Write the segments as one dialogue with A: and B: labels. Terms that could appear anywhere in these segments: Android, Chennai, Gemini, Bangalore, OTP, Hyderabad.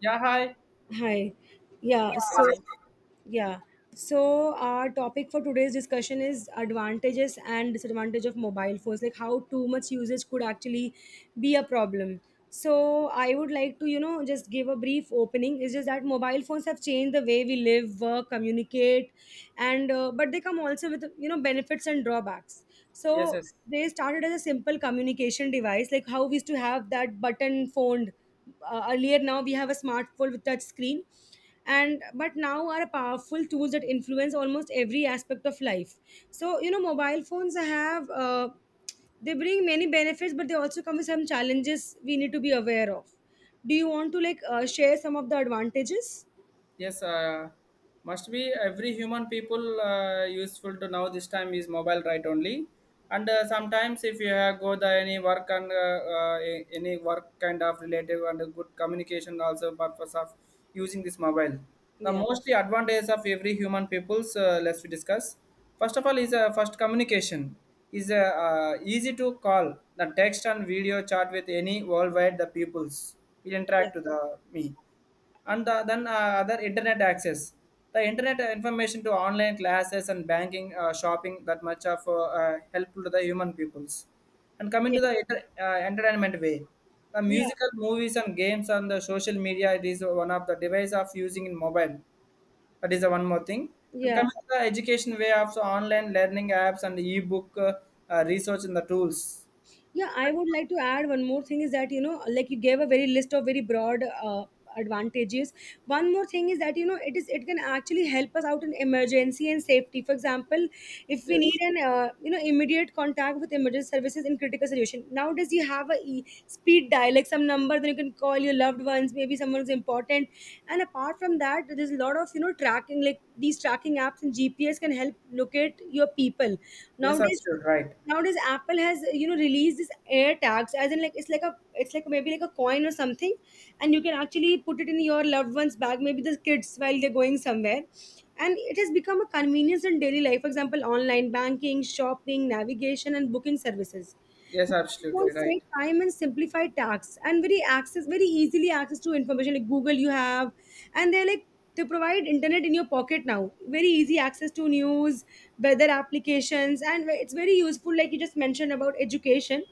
A: Yeah, hi.
B: Hi. Yeah, so
A: Any?
B: yeah. So our topic for today's discussion is advantages and disadvantage of mobile phones, like how too much usage could actually be a problem. So I would like to just give a brief opening. It's just that mobile phones have changed the way we live, work, communicate, and but they come also with benefits and drawbacks.
A: Yes,
B: So
A: yes.
B: they started as a simple communication device, like how we used to have that button phone. Earlier, now we have a smartphone with touch screen, and but now are powerful tools that influence almost every aspect of life. So mobile phones have they bring many benefits, but they also come with some challenges we need to be aware of. Do you want to like share some of the advantages?
A: Yes, must be every human people useful to now. This time is mobile right only, and sometimes if you have go the any work and any work kind of relative and a good communication also purpose of using this mobile. The mostly advantage of every human peoples. Let's we discuss. First of all, is first communication is easy to call the text and video chat with any worldwide the peoples. It interact to the me and then other internet access the internet information to online classes and banking shopping that much of helpful to the human peoples, and coming to the
B: Yeah,
A: entertainment way, the
B: yeah,
A: musical movies and games and the social media. It is one of the device of using in mobile. That is the one more thing. And
B: yeah.
A: coming to the education way of so online learning apps and e-book research in the tools.
B: Yeah, I would like to add one more thing is that like you gave a very list of very broad advantages. One more thing is that it can actually help us out in emergency and safety. For example, if we need
A: Yes,
B: an immediate contact with emergency services in critical situation. Nowadays, you have a speed dial, like some number, then you can call your loved ones, maybe someone is important. And apart from that, there's a lot of tracking, like these tracking apps and GPS can help locate your people.
A: yes,
B: Nowadays,
A: absolutely right.
B: nowadays, Apple has released this air tags, as in like it's like maybe like a coin or something, and you can actually put it in your loved one's bag, maybe the kids while they're going somewhere. And it has become a convenience in daily life. For example, online banking, shopping, navigation, and booking services.
A: Yes, absolutely
B: Phones
A: right.
B: save time and simplify tasks, and very access very easily access to information like Google you have, and they're like they provide internet in your pocket. Now very easy access to news, weather applications, and it's very useful, like you just mentioned about education,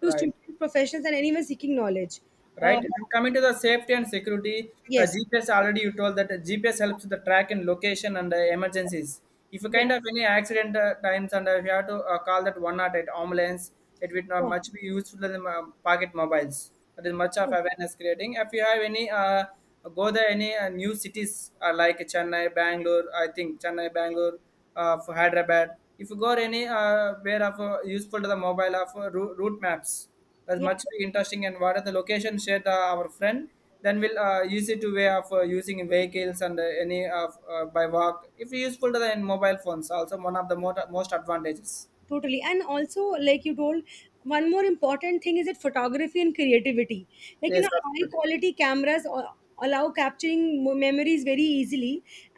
B: to
A: Right.
B: students, professionals, and anyone seeking knowledge.
A: Right?
B: um,
A: And coming to the safety and security, the
B: yes.
A: GPS already you told that GPS helps the track and location and the emergencies. If you
B: Yeah,
A: kind of any accident times and if you have to call that one at ambulance, it would not
B: yeah,
A: much be useful than pocket mobiles. That is much of
B: yeah,
A: awareness creating. If you have any go there any new cities like Chennai, Bangalore, I think Chennai, Bangalore, for Hyderabad. If you go any where of useful to the mobile of route maps. That's
B: yeah.
A: much interesting. And what are the locations shared our friend? Then we'll easy to way of using vehicles and any of by walk. If useful to the in mobile phones, also one of the most advantages.
B: Totally. And also, like you told, one more important thing is that photography and creativity, like
A: Yes,
B: high
A: absolutely.
B: quality cameras or. Allow capturing memories very easily,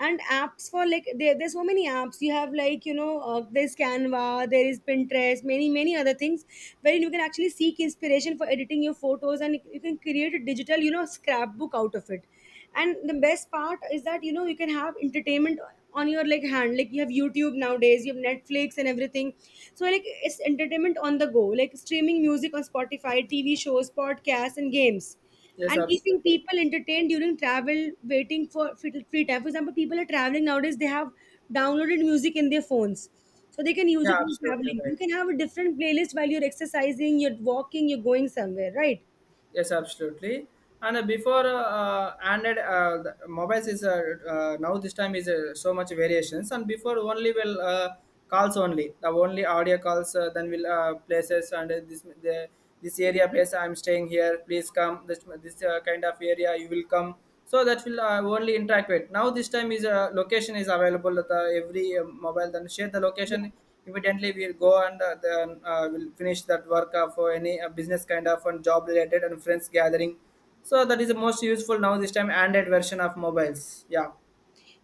B: and apps for, like, there's so many apps you have, like there's Canva, there is Pinterest, many many other things where you can actually seek inspiration for editing your photos, and you can create a digital, scrapbook out of it. And the best part is that you can have entertainment on your like hand, like you have YouTube. Nowadays you have Netflix and everything, so like it's entertainment on the go, like streaming music on Spotify, TV shows, podcasts, and games,
A: Yes,
B: and keeping
A: absolutely.
B: people entertained during travel, waiting for free time. For example, people are traveling nowadays, they have downloaded music in their phones, so they can use
A: Yeah,
B: it in
A: absolutely
B: traveling. You
A: right.
B: can have a different playlist while you're exercising, you're walking, you're going somewhere, right?
A: Yes, absolutely. And before Android the mobiles is now this time is so much variations. And before only will calls only the only audio calls. Then will places and this the, this area place I'm staying here. Please come this kind of area you will come. So that will only interact with. Now this time is location is available at the every mobile. Then share the location. Evidently, we'll go and then we'll finish that work for any business kind of and job related and friends gathering, so that is the most useful now this time Android version of mobiles. Yeah.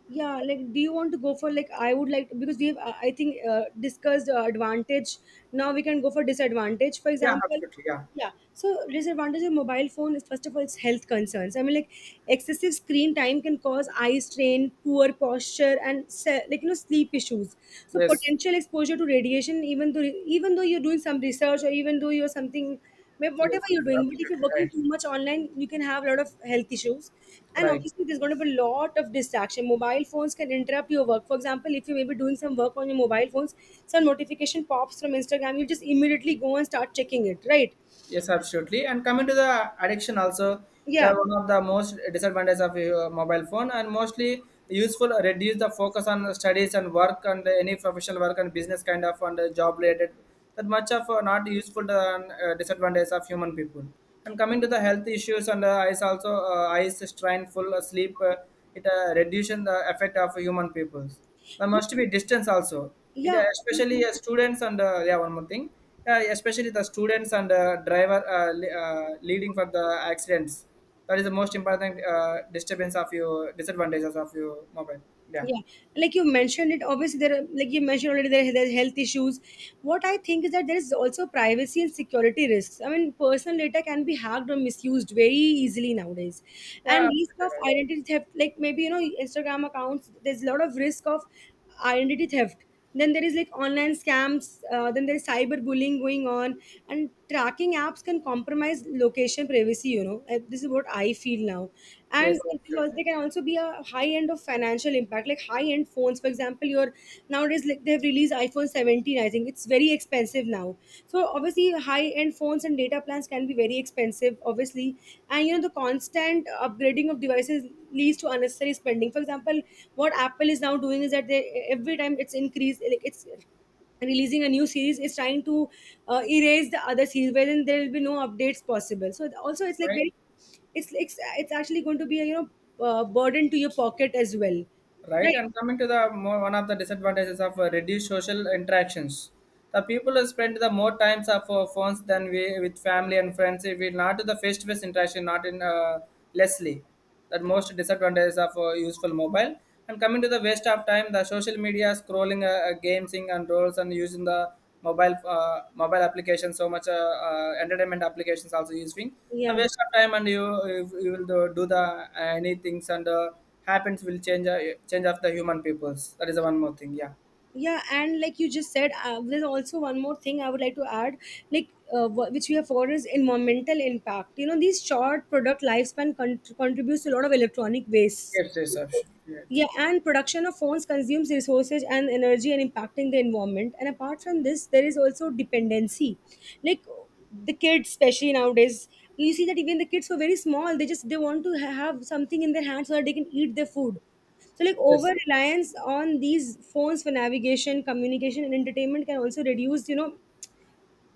B: Yeah, like, do you want to go for, like, I would like, because we have I think discussed advantage. Now we can go for disadvantage, for
A: Yeah,
B: example.
A: absolutely, yeah.
B: Yeah, so disadvantage of mobile phone is, first of all, it's health concerns. I mean, like, excessive screen time can cause eye strain, poor posture, and like, sleep issues, so
A: Yes.
B: potential exposure to radiation, even though, you're doing some research, or even though you're something. Whatever
A: Yes, yes,
B: you're doing, but if you're working
A: absolutely
B: too much online, you can have a lot of health issues. And
A: right. Right.
B: obviously, there's going to be a lot of distraction. Mobile phones can interrupt your work. For example, if you may be doing some work on your mobile phones, some notification pops from Instagram, you just immediately go and start checking it, right?
A: Yes, absolutely. And coming to the addiction also, that
B: Yeah.
A: one of the most disadvantages of your mobile phone, and mostly useful reduce the focus on the studies and work and any professional work and business kind of and job related. That much of not useful to, disadvantage of human people. And coming to the health issues and eyes also eyes strain, full sleep, it reduces the effect of human peoples. There
B: Y-
A: must be distance also. It
B: Yeah.
A: especially students and yeah one more thing. Yeah, especially the students and leading for the accidents. That is the most important disturbance of your disadvantages of your mobile. Yeah.
B: Yeah, like you mentioned it, obviously there are, like you mentioned already, there's health issues. What I think is that there is also privacy and security risks. I mean, personal data can be hacked or misused very easily nowadays, and
A: Yeah,
B: risk
A: absolutely
B: of
A: right.
B: identity theft, like maybe Instagram accounts, there's a lot of risk of identity theft. Then there is like online scams, then there is cyber bullying going on, and tracking apps can compromise location privacy. This is what I feel now. And
A: Yes, absolutely.
B: there can also be a high end of financial impact, like high end phones. For example, your, nowadays, like they have released iPhone 17. I think it's very expensive now, so obviously high end phones and data plans can be very expensive, obviously. And the constant upgrading of devices leads to unnecessary spending. For example, what Apple is now doing is that they, every time it's increased, like it's releasing a new series, is trying to erase the other series, wherein there will be no updates possible. So also, it's like
A: Right.
B: very, it's actually going to be a, burden to your pocket as well.
A: Right,
B: Right.
A: and coming to the more, one of the disadvantages of reduced social interactions, the people who spend the more times of phones than we with family and friends. If we not to the face-to-face interaction, not in lessly, that most disadvantages of useful mobile. And coming to the waste of time, the social media scrolling, gaming and roles, and using the mobile applications so much entertainment applications also using a
B: Yeah,
A: waste of time. And you will do the any things and happens will change change of the human peoples. That is the one more thing. Yeah.
B: yeah, and like you just said, there's also one more thing I would like to add. Like which we have for is environmental impact. These short product lifespan contributes to a lot of electronic waste.
A: Yes, yes, option. Right.
B: Yeah, and production of phones consumes resources and energy, and impacting the environment. And apart from this, there is also dependency. Like the kids, especially nowadays, you see that even the kids who are very small, they just, they want to have something in their hands so that they can eat their food. So like over
A: Yes.
B: reliance on these phones for navigation, communication, and entertainment can also reduce, you know,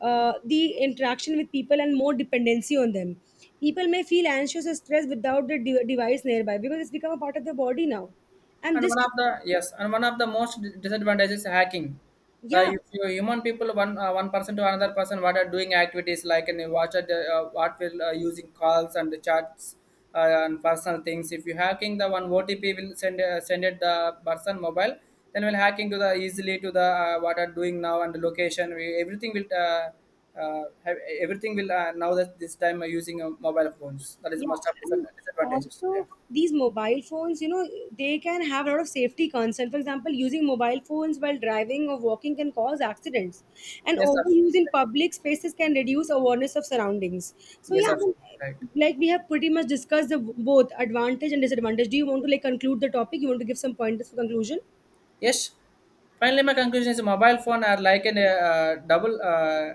B: uh, the interaction with people and more dependency on them. People may feel anxious or stressed without the device nearby, because it's become a part of their body now. And
A: And
B: this,
A: one of the yes, and one of the most disadvantages is hacking. The
B: yeah.
A: if you human people one one person to another person what are doing activities like and you watch at the, what will using calls and the chats and personal things. If you hacking the one OTP will send send it the person mobile, then will hacking to the easily to the what are doing now and the location. We, everything will have, everything will now that this time using mobile phones. That is the
B: Yeah,
A: most of
B: and
A: disadvantages.
B: also
A: Yeah.
B: these mobile phones, they can have a lot of safety concern. For example, using mobile phones while driving or walking can cause accidents, and
A: Yes, sir.
B: overuse in public spaces can reduce awareness of surroundings. So
A: Yes,
B: yeah,
A: sir.
B: I mean,
A: Right.
B: like we have pretty much discussed the both advantage and disadvantage. Do you want to like conclude the topic? You want to give some pointers for conclusion?
A: Yes. Finally, my conclusion is mobile phone are like a double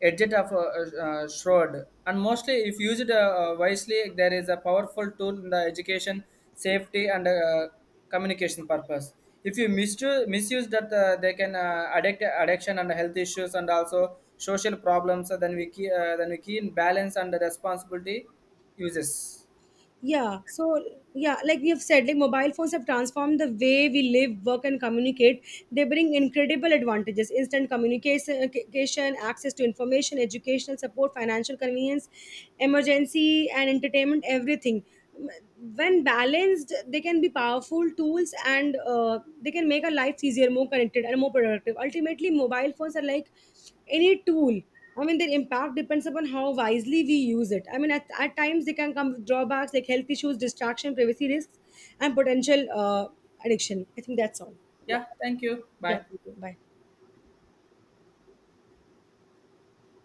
A: edged of a, sword, and mostly if used wisely, there is a powerful tool in the education, safety, and communication purpose. If you misuse that, they can addict addiction and health issues, and also social problems. So then we key in balance and the responsibility uses.
B: Yeah. So yeah, like we have said, like mobile phones have transformed the way we live, work, and communicate. They bring incredible advantages: instant communication, access to information, educational support, financial convenience, emergency and entertainment, everything. When balanced, they can be powerful tools, and they can make our lives easier, more connected, and more productive. Ultimately, mobile phones are like any tool. I mean, their impact depends upon how wisely we use it. I mean, at times they can come with drawbacks like health issues, distraction, privacy risks, and potential addiction. I think that's all. Yeah.
A: Yeah. Thank you.
B: Yeah.
A: Bye.
B: Thank you. Bye.